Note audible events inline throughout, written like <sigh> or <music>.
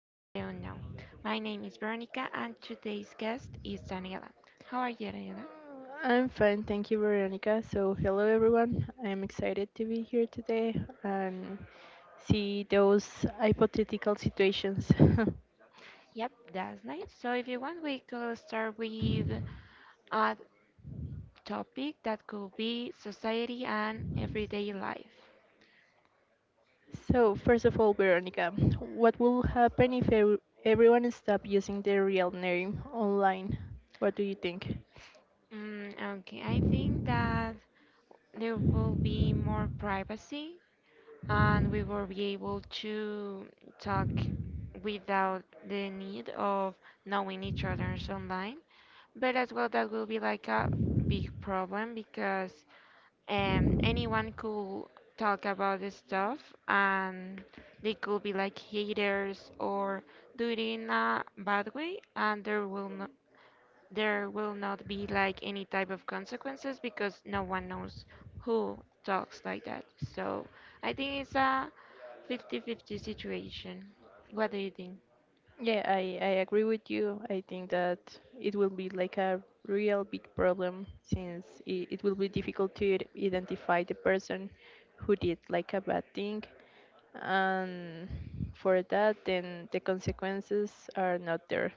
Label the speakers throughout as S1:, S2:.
S1: and the unknown. My name is Veronica, and today's guest is Daniela. How are you, Daniela?
S2: I'm fine, thank you, Veronica. So, hello everyone. I'm excited to be here today and see those hypothetical situations.
S1: Yep, that's nice. So if you want, we could start with uh, topic that could be society and everyday life.
S2: <laughs> So, first of all, Veronica, what will happen if everyone stop using their real name online? What do you think?
S1: Mm, okay, I think that there will be more privacy and we will be able to talk without the need of knowing each other's online. But as well, that will be like a big problem because and anyone could talk about this stuff, and they could be like haters or do it in a bad way, and there will not be like any type of consequences because no one knows who talks like that. So I think it's a fifty-fifty situation. What do you think?
S2: Yeah, I agree with you. I think that it will be like a real big problem since it will be difficult to identify the person who did like a bad thing. And for that, then the consequences are not there.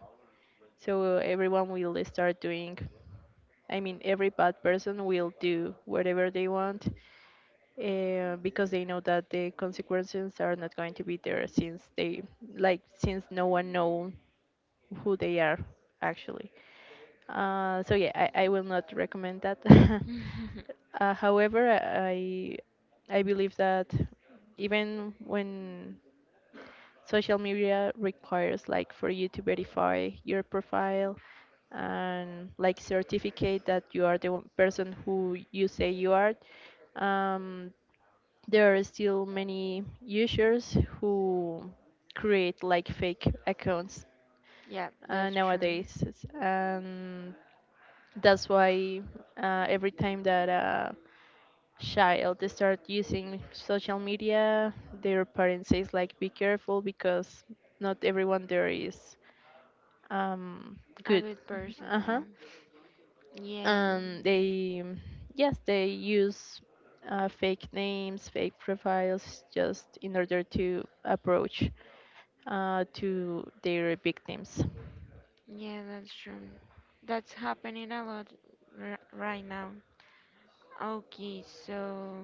S2: So everyone will start doing, I mean, every bad person will do whatever they want because they know that the consequences are not going to be there since they, like, since no one knows who they are actually. So yeah, I will not recommend that. <laughs>
S1: <laughs>
S2: However, I believe that even when social media requires like for you to verify your profile and like certificate that you are the one person who you say you are, um, there are still many users who create like fake accounts
S1: Yeah, that's true.
S2: nowadays, and that's why every time that a child they start using social media, their parents says like, "Be careful because not everyone there is um,
S1: A
S2: good."
S1: good person,
S2: Uh huh.
S1: yeah. Yeah.
S2: And they, yes, they use fake names, fake profiles, just in order to approach to their victims.
S1: Yeah, that's true. That's happening a lot r right now. Okay, so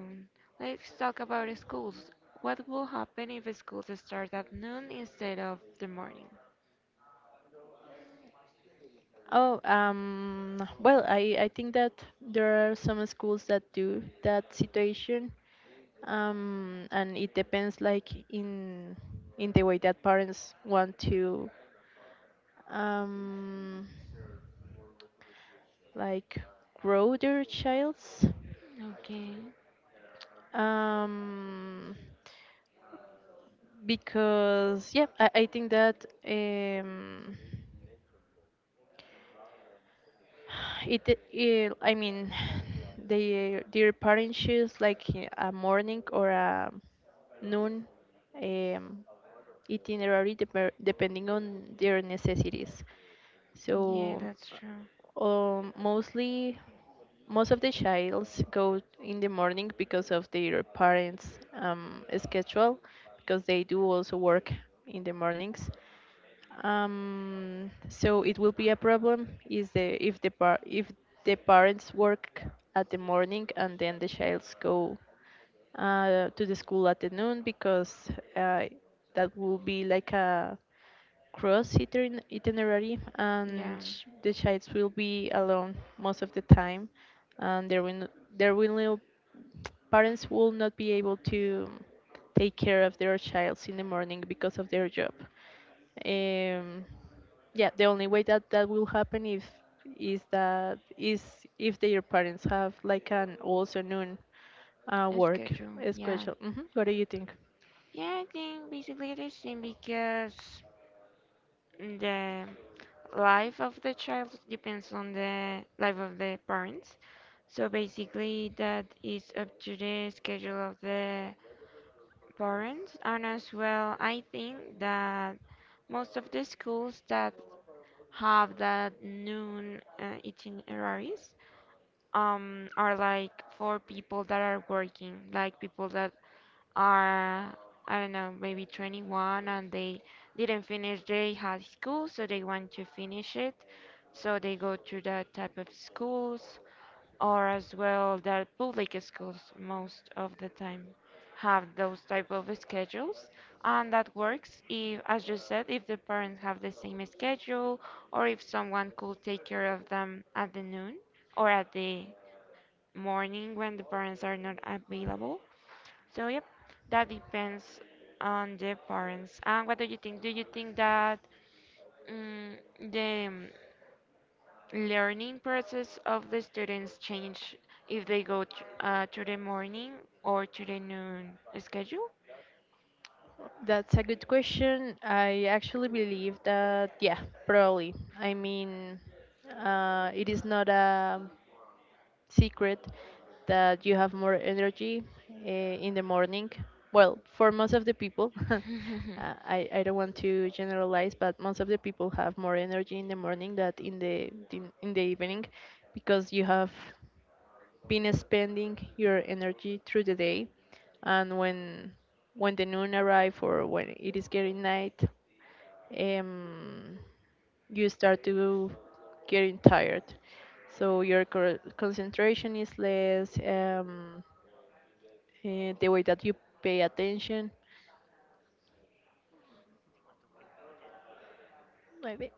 S1: let's talk about schools. What will happen if schools start at noon instead of the morning?
S2: Oh, well, I think that there are some schools that do that situation, and it depends like in the way that parents want to, um, like grow their child's,
S1: Okay.
S2: um, because yeah, I think that It I mean, <sighs> their parents choose like a morning or a noon um, itinerary depending on their necessities. So,
S1: Yeah, that's true.
S2: um, mostly most of the childs go in the morning because of their parents' schedule, because they do also work in the mornings. So it will be a problem is the if the par if the parents work at the morning and then the childs go to the school at the noon because that will be like a cross itinerary
S1: Yeah.
S2: and the child will be alone most of the time and there will no, parents will not be able to take care of their childs in the morning because of their job. Um, yeah, the only way that that will happen if is that is if their parents have like an all afternoon
S1: A
S2: work
S1: schedule, yeah.
S2: schedule. Hmm What do you think?
S1: Yeah, I think basically the same because the life of the child depends on the life of the parents. So basically, that is up to the schedule of the parents. And as well, I think that most of the schools that have that noon itineraries are like for people that are working, like people that are, I don't know, maybe 21, and they didn't finish their high school, so they want to finish it. So they go to that type of schools, or as well the public schools most of the time have those type of schedules, and that works if, as you said, if the parents have the same schedule, or if someone could take care of them at the noon or at the morning when the parents are not available. So yep, that depends on the parents. And what do you think? Do you think that mm the mm, learning process of the students change if they go t to the morning or to the noon schedule?
S2: That's a good question. I actually believe that, yeah, probably. I mean, it is not a secret that you have more energy in the morning. Well, for most of the people, <laughs>
S1: <laughs>
S2: I don't want to generalize, but most of the people have more energy in the morning than in in the evening because you have been spending your energy through the day and when the noon arrive or when it is getting night um, you start to getting tired. So your concentration is less. The way that you pay attention, maybe.